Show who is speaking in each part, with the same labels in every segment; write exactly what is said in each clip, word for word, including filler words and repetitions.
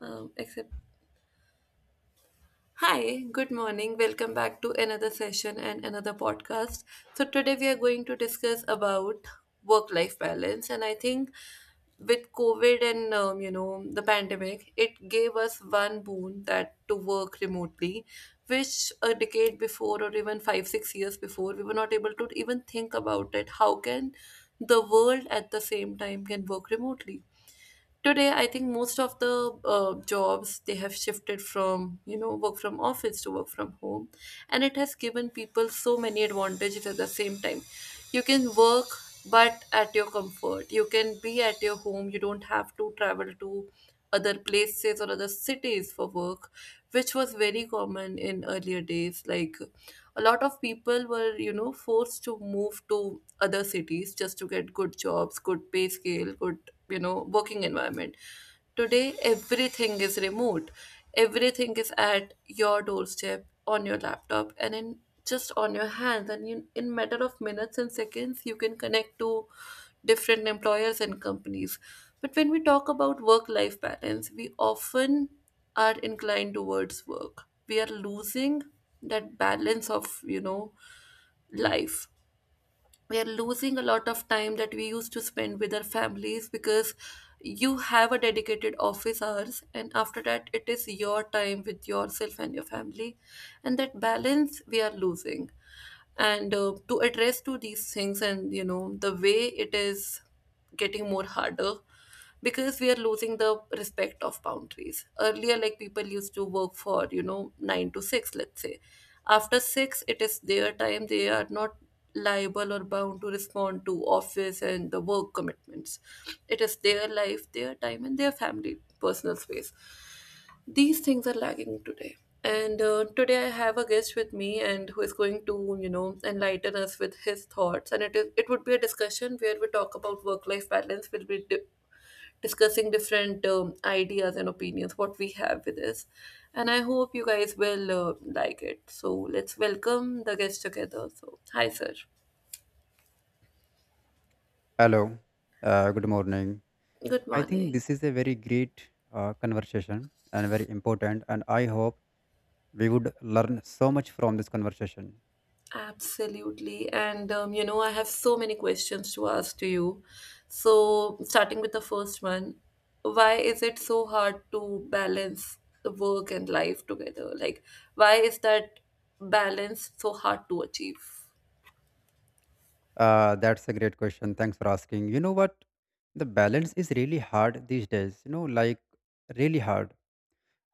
Speaker 1: Um, except, Hi, good morning. Welcome back to another session and another podcast. So today we are going to discuss about work-life balance, and I think with COVID and um, you know the pandemic, it gave us one boon that to work remotely, which a decade before or even five six years before we were not able to even think about it. How can the world at the same time can work remotely? Today I think most of the uh, jobs they have shifted from you know work from office to work from home, and it has given people so many advantages. At the same time, you can work but at your comfort. You can be at your home. You don't have to travel to other places or other cities for work, which was very common in earlier days. Like, a lot of people were you know forced to move to other cities just to get good jobs, good pay scale, good you know working environment. Today everything is remote. Everything is at your doorstep, on your laptop, and in just on your hands, and in, in matter of minutes and seconds you can connect to different employers and companies. But when we talk about work life balance, we often are inclined towards work. We are losing that balance of you know life. We are losing a lot of time that we used to spend with our families, because you have a dedicated office hours, and after that it is your time with yourself and your family, and that balance we are losing. And uh, to address to these things, and you know the way it is getting more harder, because we are losing the respect of boundaries. Earlier, like, people used to work for you know nine to six, let's say. After six it is their time. They are not liable or bound to respond to office and the work commitments. It is their life, their time, and their family personal space. These things are lagging today. And uh, today I have a guest with me, and who is going to you know enlighten us with his thoughts. And it is it would be a discussion where we talk about work life balance. We'll be di- discussing different um, ideas and opinions what we have with us, and I hope you guys will uh, like it. So let's welcome the guest together. So hi, sir.
Speaker 2: Hello. Uh, good morning.
Speaker 1: Good
Speaker 2: I think
Speaker 1: morning.
Speaker 2: this is a very great uh, conversation and very important, and I hope we would learn so much from this conversation.
Speaker 1: Absolutely. And, um, you know, I have so many questions to ask to you. So, starting with the first one, why is it so hard to balance the work and life together? Like, why is that balance so hard to achieve?
Speaker 2: Uh, that's a great question. Thanks for asking. You know what? The balance is really hard these days. You know, like really hard.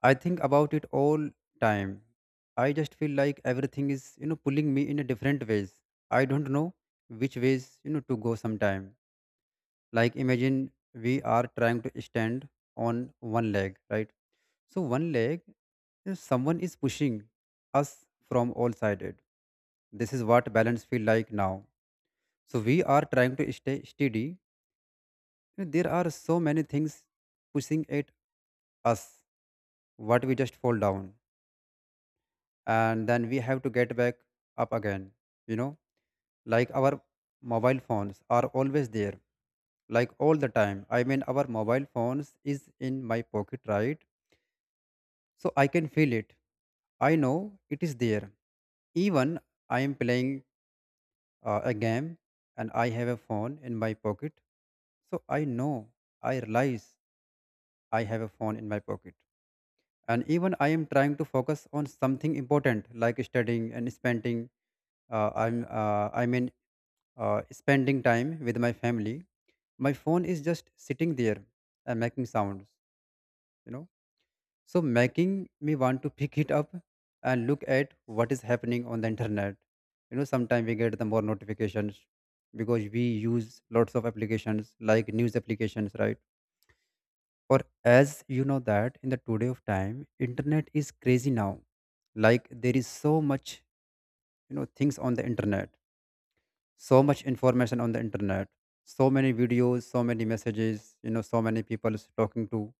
Speaker 2: I think about it all time. I just feel like everything is you know pulling me in a different ways. I don't know which ways you know to go sometime, like imagine we are trying to stand on one leg, right? So one leg, uh, someone is pushing us from all sided. This is what balance feel like now. So we are trying to stay steady. There are so many things pushing at us. What we just fall down and then we have to get back up again, you know, like our mobile phones are always there, like all the time. I mean, our mobile phones is in my pocket, right? So I can feel it. I know it is there. Even I am playing uh, a game and I have a phone in my pocket. So I know, I realize I have a phone in my pocket. And even I am trying to focus on something important like studying and spending, uh, I'm, uh, I mean, uh, spending time with my family. My phone is just sitting there and making sounds, you know. So making me want to pick it up and look at what is happening on the internet. You know, sometimes we get the more notifications because we use lots of applications like news applications, right? Or as you know that in the today of time, internet is crazy now. Like there is so much, you know, things on the internet, so much information on the internet, so many videos, so many messages, you know, so many people talking to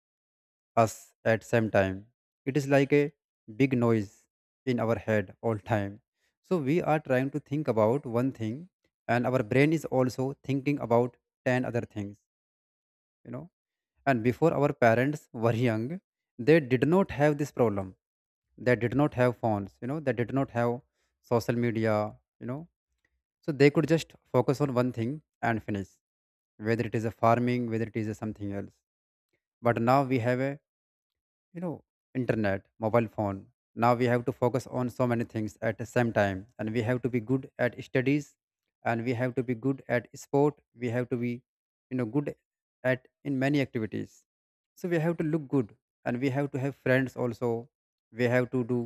Speaker 2: us at same time. It is like a big noise in our head all time. So we are trying to think about one thing and our brain is also thinking about ten other things, you know. And before our parents were young, they did not have this problem. They did not have phones, you know, they did not have social media, you know. So they could just focus on one thing and finish, whether it is a farming, whether it is a something else. But now we have a, you know, internet mobile phone. Now we have to focus on so many things at the same time, and we have to be good at studies, and we have to be good at sport. We have to be, you know, good at in many activities. So we have to look good, and we have to have friends also. We have to do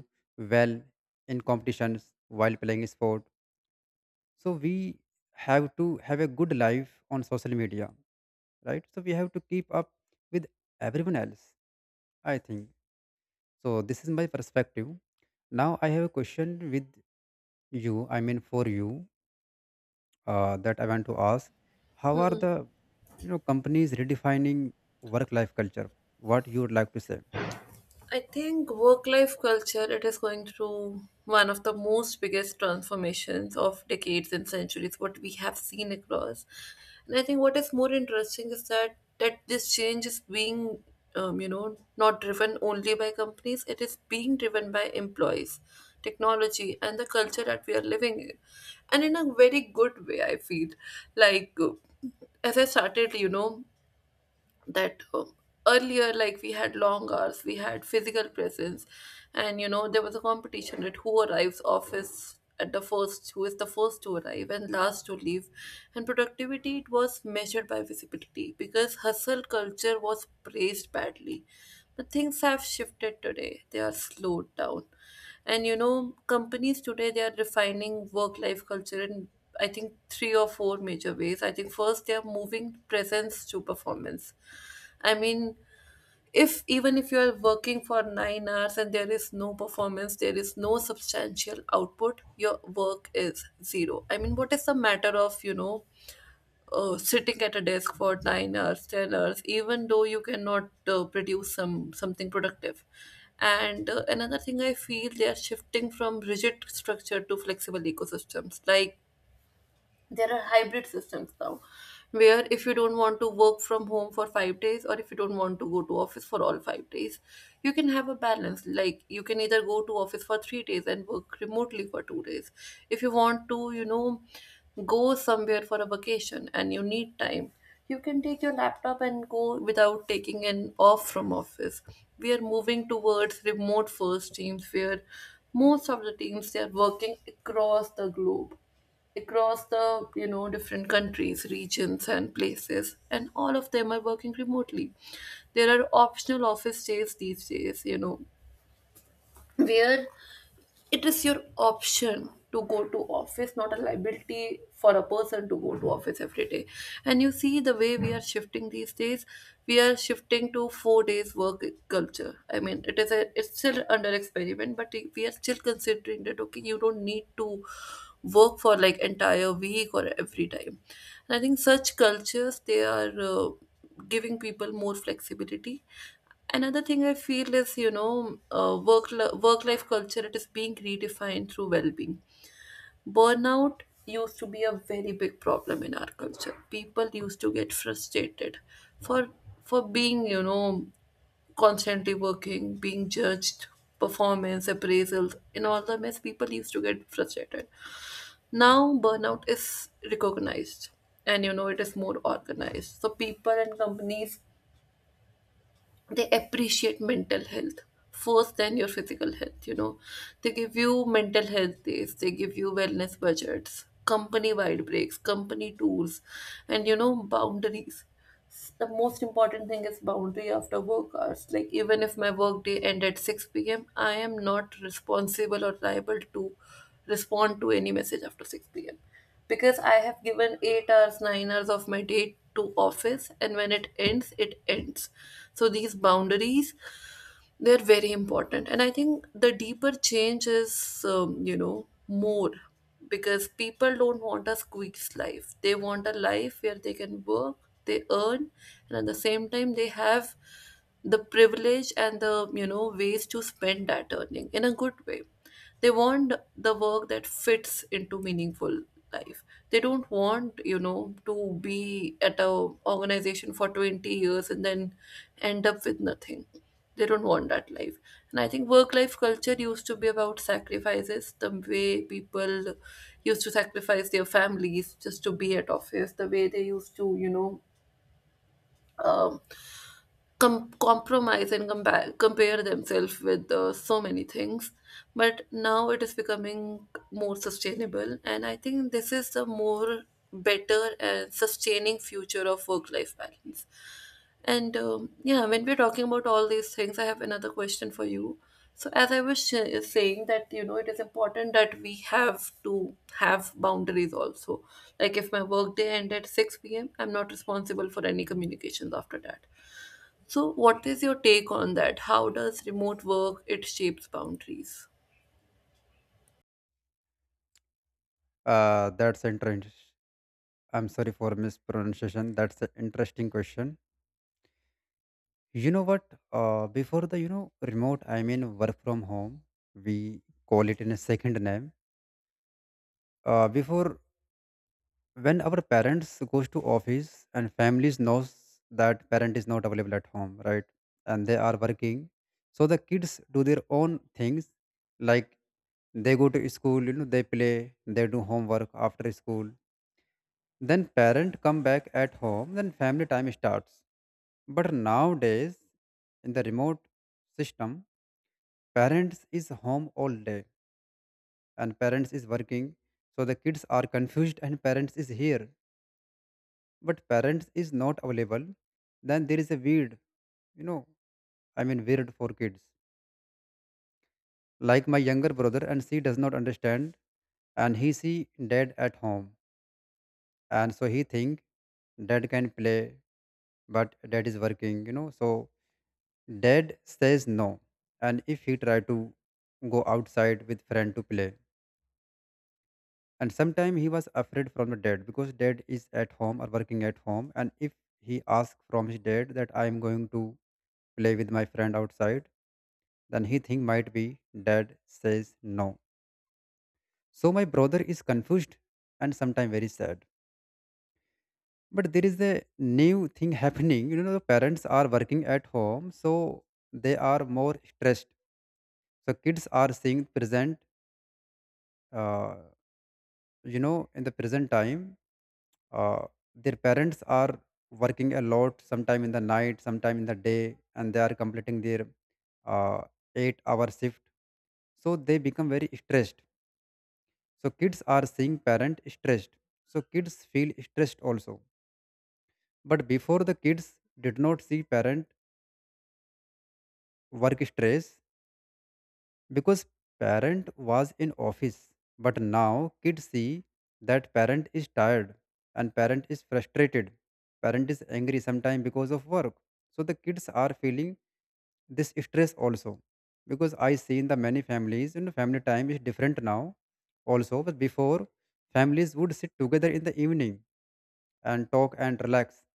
Speaker 2: well in competitions while playing sport. So we have to have a good life on social media, right? So we have to keep up with everyone else, I think. So this is my perspective. Now I have a question with you. I mean for you, uh, that I want to ask. How are the, you know, companies redefining work-life culture? What you would like to say?
Speaker 1: I think work life culture it is going through one of the most biggest transformations of decades and centuries what we have seen across. And I think what is more interesting is that that this change is being um, you know not driven only by companies. It is being driven by employees, technology, and the culture that we are living in, and in a very good way, I feel, like uh, as I started, you know that um, earlier, like, we had long hours. We had physical presence, and you know there was a competition that who arrives office at the first, who is the first to arrive and last to leave. And productivity, it was measured by visibility, because hustle culture was praised badly. But things have shifted today, they are slowed down. And you know companies today, they are refining work life culture in, I think, three or four major ways. I think first, they are moving presence to performance. I mean, if even if you are working for nine hours and there is no performance, there is no substantial output, your work is zero. I mean, what is the matter of, you know, uh, sitting at a desk for nine hours, ten hours, even though you cannot uh, produce some something productive? And uh, another thing I feel, they are shifting from rigid structure to flexible ecosystems. Like, there are hybrid systems now where if you don't want to work from home for five days, or if you don't want to go to office for all five days, you can have a balance. Like, you can either go to office for three days and work remotely for two days. If you want to you know go somewhere for a vacation and you need time, you can take your laptop and go without taking an off from office. We are moving towards remote first teams where most of the teams, they are working across the globe, across the you know different countries, regions, and places, and all of them are working remotely. There are optional office days these days, you know where it is your option to go to office, not a liability for a person to go to office every day. And you see the way we are shifting these days, we are shifting to four days work culture. I mean, it is a it's still under experiment, but we are still considering that okay, you don't need to work for like entire week or every time. And I think such cultures, they are uh, giving people more flexibility. Another thing I feel is, you know, uh, work work life culture it is being redefined through well being. Burnout used to be a very big problem in our culture. People used to get frustrated for for being, you know, constantly working, being judged, performance appraisals, in all the mess. People used to get frustrated. Now burnout is recognized, and you know it is more organized. So people and companies, they appreciate mental health first than your physical health. You know They give you mental health days, they give you wellness budgets, company wide breaks, company tours, and you know boundaries. The most important thing is boundary after work hours. Like, even if my work day end at six p.m., I am not responsible or liable to respond to any message after six p.m., because I have given eight hours, nine hours of my day to office, and when it ends, it ends. So these boundaries, they're very important. And I think the deeper change is, um, you know, more because people don't want a squeeze life. They want a life where they can work, they earn, and at the same time, they have the privilege and the you know ways to spend that earning in a good way. They want the work that fits into meaningful life. They don't want, you know, to be at a organization for twenty years and then end up with nothing. They don't want that life. And I think work life culture used to be about sacrifices, the way people used to sacrifice their families just to be at office, the way they used to, you know, um, com- compromise and compare, compare themselves with uh, so many things. But now it is becoming more sustainable, and I think this is the more better and sustaining future of work life balance. And um, yeah, when we're talking about all these things, I have another question for you. So as I was sh- saying that you know it is important that we have to have boundaries also. Like, if my work day end at six p.m., I'm not responsible for any communications after that. So, what is your take on that? How does remote work it shapes boundaries?
Speaker 2: Uh, that's interesting. I'm sorry for mispronunciation. That's an interesting question. You know what? Uh, before the, you know, remote, I mean work from home. We call it in a second name. Uh, before when our parents goes to office and families knows that parent is not available at home, right? And they are working. So the kids do their own things, like they go to school, you know, they play, they do homework after school. Then parent come back at home, then family time starts. But nowadays, in the remote system, parents is home all day and parents is working. So the kids are confused and parents is here but parents is not available. Then there is a weird, you know, I mean weird for kids. Like my younger brother, and she does not understand. And he see dad at home, and so he think dad can play, but dad is working, you know. So dad says no. And if he try to go outside with friend to play, and sometime he was afraid from the dad because dad is at home or working at home. And if he asks from his dad that I am going to play with my friend outside, then he think might be dad says no. So my brother is confused and sometimes very sad. But there is a new thing happening, you know, the parents are working at home, so they are more stressed. So kids are seeing present, uh, you know, in the present time, uh, their parents are working a lot, sometime in the night, sometime in the day, and they are completing their uh, eight hour shift. So they become very stressed. So kids are seeing parent stressed, so kids feel stressed also. But before, the kids did not see parent work stress because parent was in office. But now kids see that parent is tired and parent is frustrated, parent is angry sometimes because of work. So the kids are feeling this stress also. Because I see in the many families, you know, family time is different now also. But before, families would sit together in the evening and talk and relax.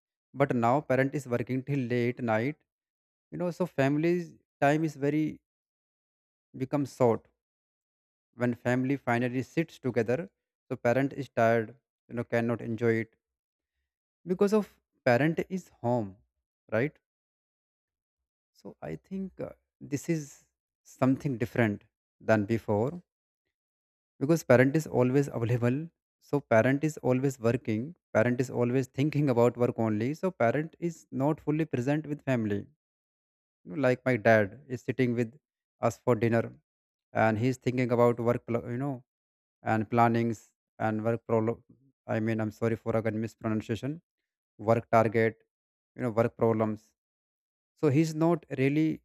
Speaker 2: But now parent is working till late night, you know. So families time is very become short. When family finally sits together, so parent is tired, you know, cannot enjoy it because of parent is home, right? So I think, uh, this is something different than before, because parent is always available, so parent is always working. Parent is always thinking about work only, so parent is not fully present with family. You know, like my dad is sitting with us for dinner and he's thinking about work pl- you know, and plannings, and work problem. I mean, I'm sorry for again mispronunciation. Work target, you know, work problems. So he's not really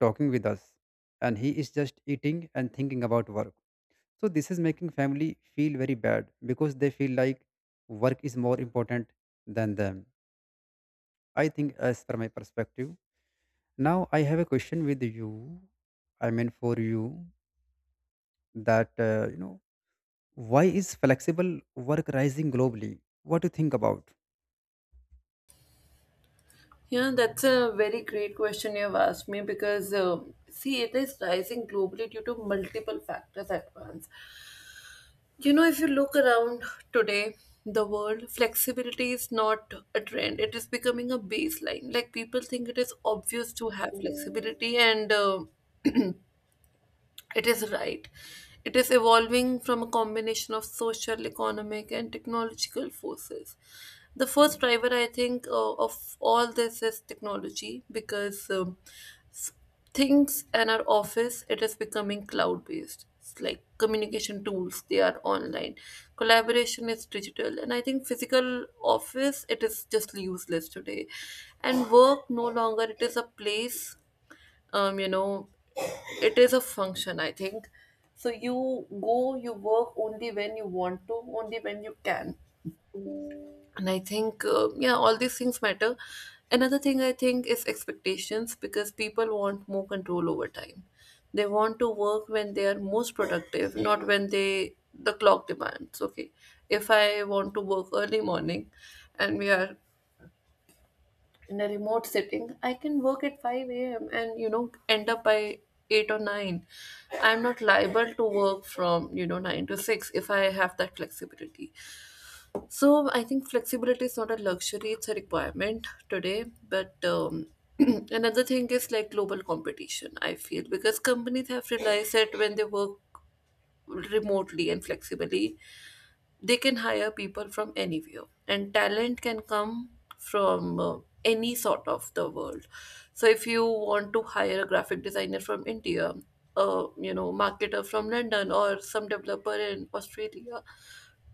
Speaker 2: talking with us, and he is just eating and thinking about work. So this is making family feel very bad because they feel like work is more important than them. I think, as per my perspective. Now I have a question with you. I mean, for you that uh, you know, why is flexible work rising globally? What do you think about?
Speaker 1: Yeah, that's a very great question you've asked me because uh, see, it is rising globally due to multiple factors at once. You know, if you look around today, the world, flexibility is not a trend. It is becoming a baseline. Like, people think it is obvious to have flexibility, and uh, It is right. It is evolving from a combination of social, economic, and technological forces. The first driver, I think, uh, of all this is technology, because um, s- things in our office it is becoming cloud based. It's like communication tools they are online, collaboration is digital, and I think physical office it is just useless today. And work no longer it is a place, um you know it is a function, I think. So you go you work only when you want to, only when you can. And I think uh, yeah, all these things matter. Another thing I think is expectations, because people want more control over time. They want to work when they are most productive, not when they the clock demands. Okay, if I want to work early morning and we are in a remote setting, I can work at five a m and you know end up by eight or nine. I'm not liable to work from you know nine to six if I have that flexibility. So I think flexibility is not a luxury, it's a requirement today. But um, Another thing is like global competition, I feel, because companies have realized that when they work remotely and flexibly, they can hire people from anywhere and talent can come from uh, any sort of the world. So if you want to hire a graphic designer from india, a you know marketer from london, or some developer in australia,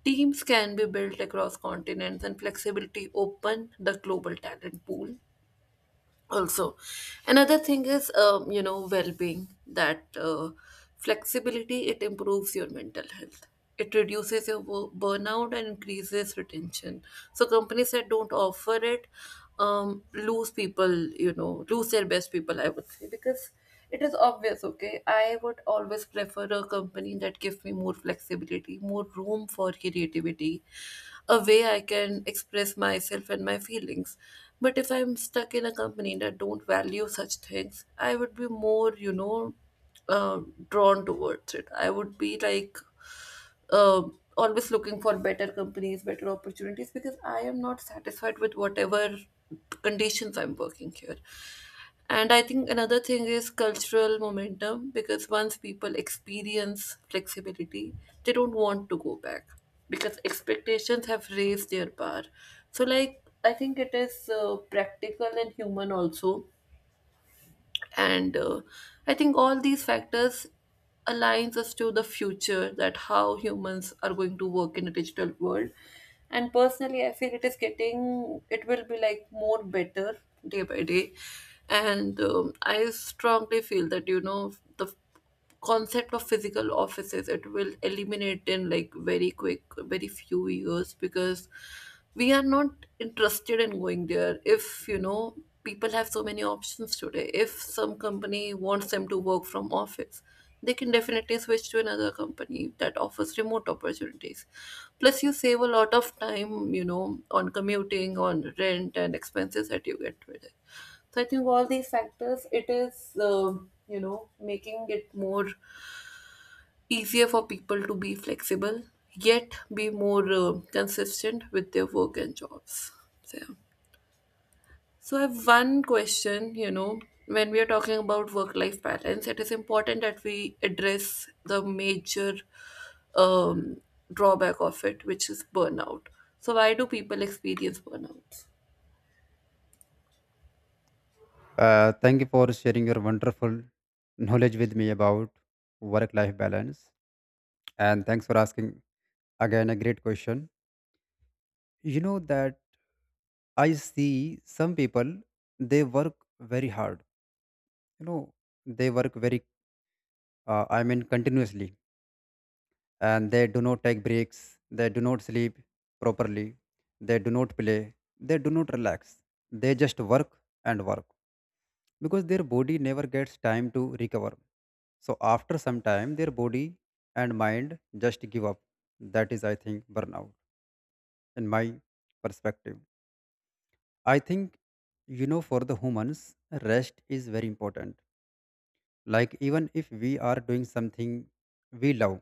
Speaker 1: teams can be built across continents and flexibility open the global talent pool also. Another thing is um, you know well-being, that uh, flexibility, it improves your mental health, it reduces your wo- burnout and increases retention. So companies that don't offer it, um, lose people, you know lose their best people, I would say, because it is obvious. Okay? I would always prefer a company that gives me more flexibility, more room for creativity, a way I can express myself and my feelings. But if I'm stuck in a company that don't value such things, I would be more, you know, uh, drawn towards it. I would be like uh, always looking for better companies, better opportunities, because I am not satisfied with whatever conditions I'm working here. And I think another thing is cultural momentum, because once people experience flexibility, they don't want to go back, because expectations have raised their bar. So, like, I think it is uh, practical and human also, and uh, I think all these factors aligns us to the future, that how humans are going to work in a digital world. And personally, I feel it is getting, it will be like more better day by day. And um, I strongly feel that you know the concept of physical offices, it will eliminate in like very quick, very few years, because we are not interested in going there. If you know people have so many options today, if some company wants them to work from office, they can definitely switch to another company that offers remote opportunities. Plus, you save a lot of time, you know on commuting, on rent and expenses that you get with it. So I think all these factors, it is, um you know, making it more easier for people to be flexible, yet be more uh, consistent with their work and jobs. So, yeah. So I have one question, you know, when we are talking about work-life balance, it is important that we address the major um, drawback of it, which is burnout. So why do people experience burnout?
Speaker 2: Uh, thank you for sharing your wonderful knowledge with me about work life balance. And thanks for asking again a great question. You know that I see some people, they work very hard. You know, they work very, uh, I mean, continuously. And they do not take breaks. They do not sleep properly. They do not play. They do not relax. They just work and work because their body never gets time to recover. So after some time, their body and mind just give up. That is, I think, burnout in my perspective. I think, you know, for the humans, rest is very important. Like, even if we are doing something we love,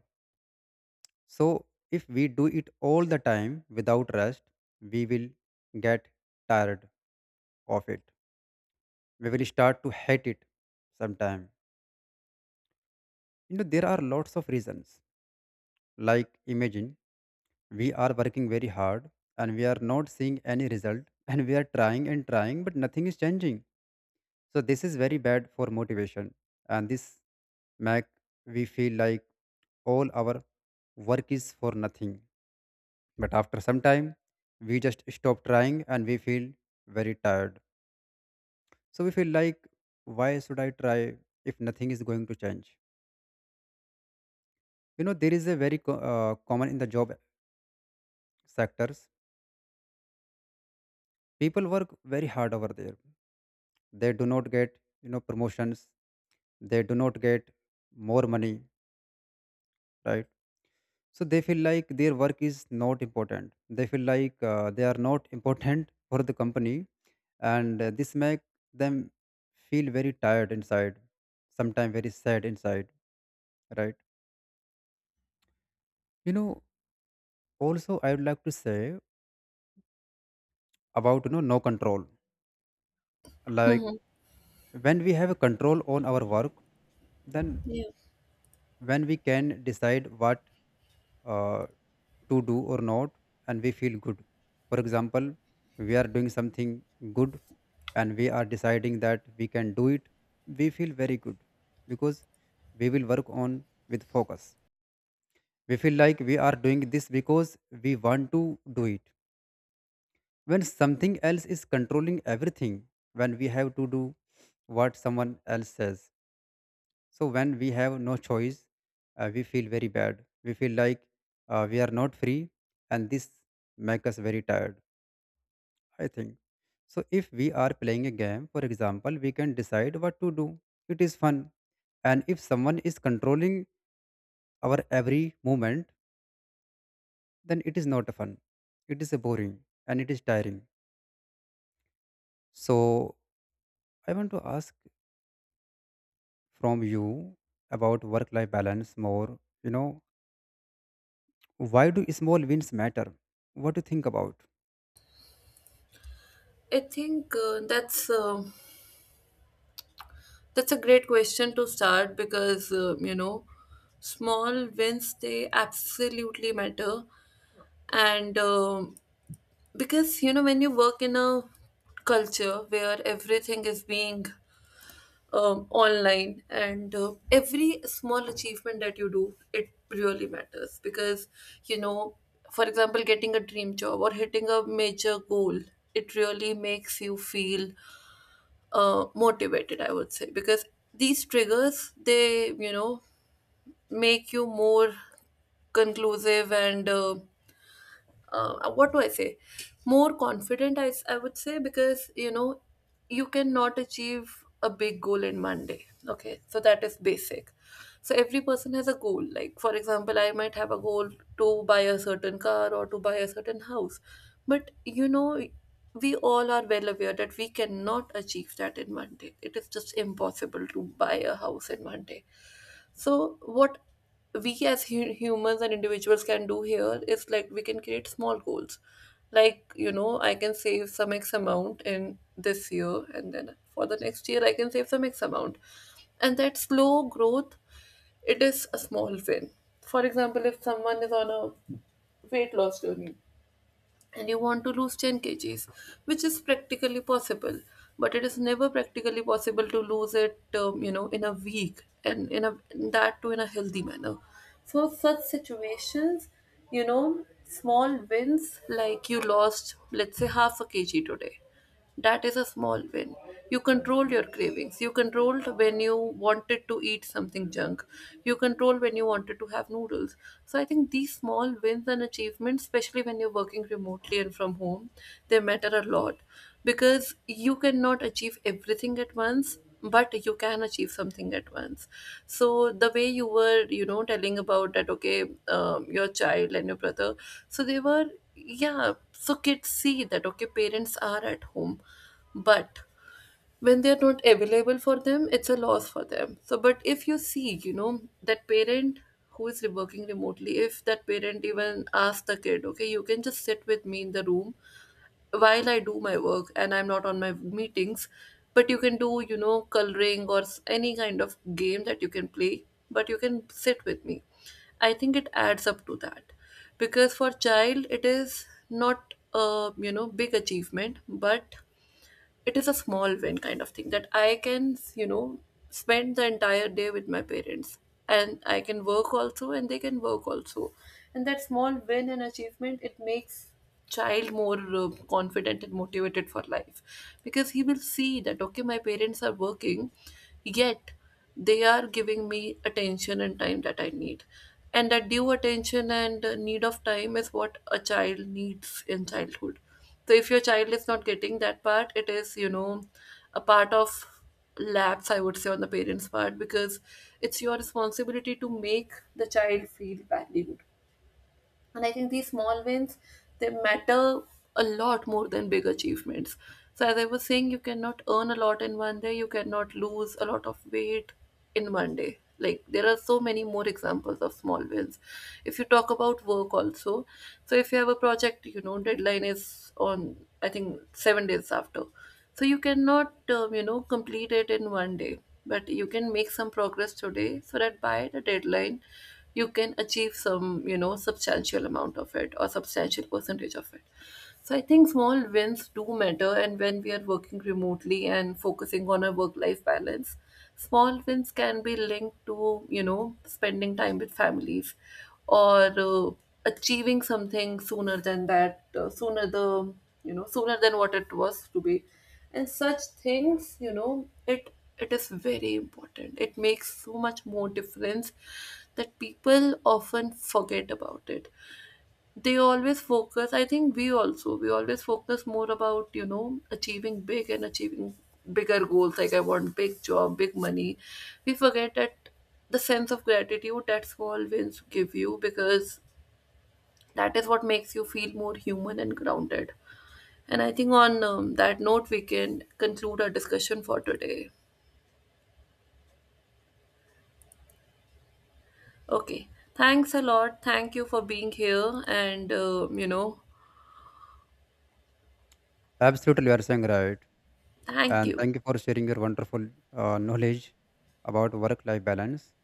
Speaker 2: so if we do it all the time without rest, we will get tired of it. We will start to hate it sometime. You know, there are lots of reasons. Like, imagine we are working very hard and we are not seeing any result, and we are trying and trying, but nothing is changing. So, this is very bad for motivation, and this make we feel like all our work is for nothing. But after some time, we just stop trying and we feel very tired. So we feel like, why should I try if nothing is going to change? You know, there is a very co- uh, common in the job sectors. People work very hard over there, they do not get, you know, promotions, they do not get more money, right? So they feel like their work is not important. They feel like uh, they are not important for the company. And uh, this make them feel very tired inside, sometimes very sad inside, right? You know, also I would like to say about, you know, no control. Like,
Speaker 1: Hmm.
Speaker 2: when we have a control on our work, then
Speaker 1: Yeah,
Speaker 2: when we can decide what uh, to do or not, and we feel good. For example, we are doing something good and we are deciding that we can do it, we feel very good, because we will work on with focus. We feel like we are doing this because we want to do it. When something else is controlling everything, when we have to do what someone else says, so when we have no choice, uh, we feel very bad. We feel like uh, we are not free, and this make us very tired. I think. So if we are playing a game, for example, we can decide what to do. It is fun. And if someone is controlling our every movement, then it is not fun. It is boring and it is tiring. So I want to ask from you about work-life balance more. You know, why do small wins matter? What do you think about?
Speaker 1: I think uh, that's um that's a great question to start because, uh, you know, small wins, they absolutely matter. And um, because, you know, when you work in a culture where everything is being um, online, and uh, every small achievement that you do, it really matters because, you know, for example, getting a dream job or hitting a major goal, it really makes you feel uh, motivated, I would say, because these triggers, they you know make you more conclusive and uh, uh, what do I say? More confident, I, s- I would say, because you know, you cannot achieve a big goal in one day. Okay, so that is basic. So every person has a goal. Like, for example, I might have a goal to buy a certain car or to buy a certain house. But you know, we all are well aware that we cannot achieve that in one day. It is just impossible to buy a house in one day. So, what we as hu- humans and individuals can do here is like, we can create small goals. Like, you know, I can save some X amount in this year, and then for the next year, I can save some X amount. And that slow growth, it is a small win. For example, if someone is on a weight loss journey, and you want to lose 10 kgs, which is practically possible. But it is never practically possible to lose it, um, you know, in a week, and in a, that too in a healthy manner. So such situations, you know, small wins, like you lost, let's say, half a kg today. That is a small win. You control your cravings. You controlled when you wanted to eat something junk. You control when you wanted to have noodles. So I think these small wins and achievements, especially when you're working remotely and from home, they matter a lot, because you cannot achieve everything at once, but you can achieve something at once. So the way you were you know telling about that, okay, um, your child and your brother, so they were, yeah, so kids see that, okay, parents are at home, but when they're not available for them, it's a loss for them. So, but if you see, you know that parent who is working remotely, if that parent even asks the kid, okay, you can just sit with me in the room while I do my work and I'm not on my meetings, but you can do, you know, coloring or s- any kind of game that you can play, but you can sit with me. I think it adds up to that, because for child it is not a, you know, big achievement, but it is a small win kind of thing, that I can, you know, spend the entire day with my parents, and I can work also and they can work also. And that small win and achievement, it makes child more uh, confident and motivated for life, because he will see that, okay, my parents are working, yet they are giving me attention and time that I need. And that due attention and uh, need of time is what a child needs in childhood. So if your child is not getting that part, it is, you know, a part of lapse, I would say, on the parents' part, because it's your responsibility to make the child feel valued. And I think these small wins, they matter a lot more than big achievements. So as I was saying, you cannot earn a lot in one day, you cannot lose a lot of weight in one day. Like, there are so many more examples of small wins. If you talk about work also, so if you have a project, you know deadline is on, I think, seven days after. So you cannot um, you know complete it in one day, but you can make some progress today, so that by the deadline you can achieve some, you know substantial amount of it or substantial percentage of it. So I think small wins do matter, and when we are working remotely and focusing on a work life balance, small wins can be linked to, you know spending time with families, or uh, achieving something sooner than that, uh, sooner the, you know sooner than what it was to be. And such things, you know it, it is very important, it makes so much more difference, that people often forget about it. They always focus, I think we also, we always focus more about, you know achieving big and achieving bigger goals, like I want big job, big money. We forget that the sense of gratitude that small wins give you, because that is what makes you feel more human and grounded. And I think on um, that note, we can conclude our discussion for today. Okay. Thanks a lot. Thank you for being here. And, um, you know,
Speaker 2: Absolutely, you are saying right.
Speaker 1: thank
Speaker 2: And
Speaker 1: you.
Speaker 2: thank you for sharing your wonderful uh, knowledge about work-life balance.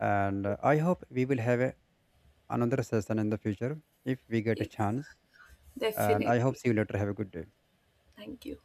Speaker 2: And uh, I hope we will have a, another session in the future if we get a
Speaker 1: Yes,
Speaker 2: chance. And I hope
Speaker 1: definitely.
Speaker 2: see you later. Have a good day.
Speaker 1: Thank you.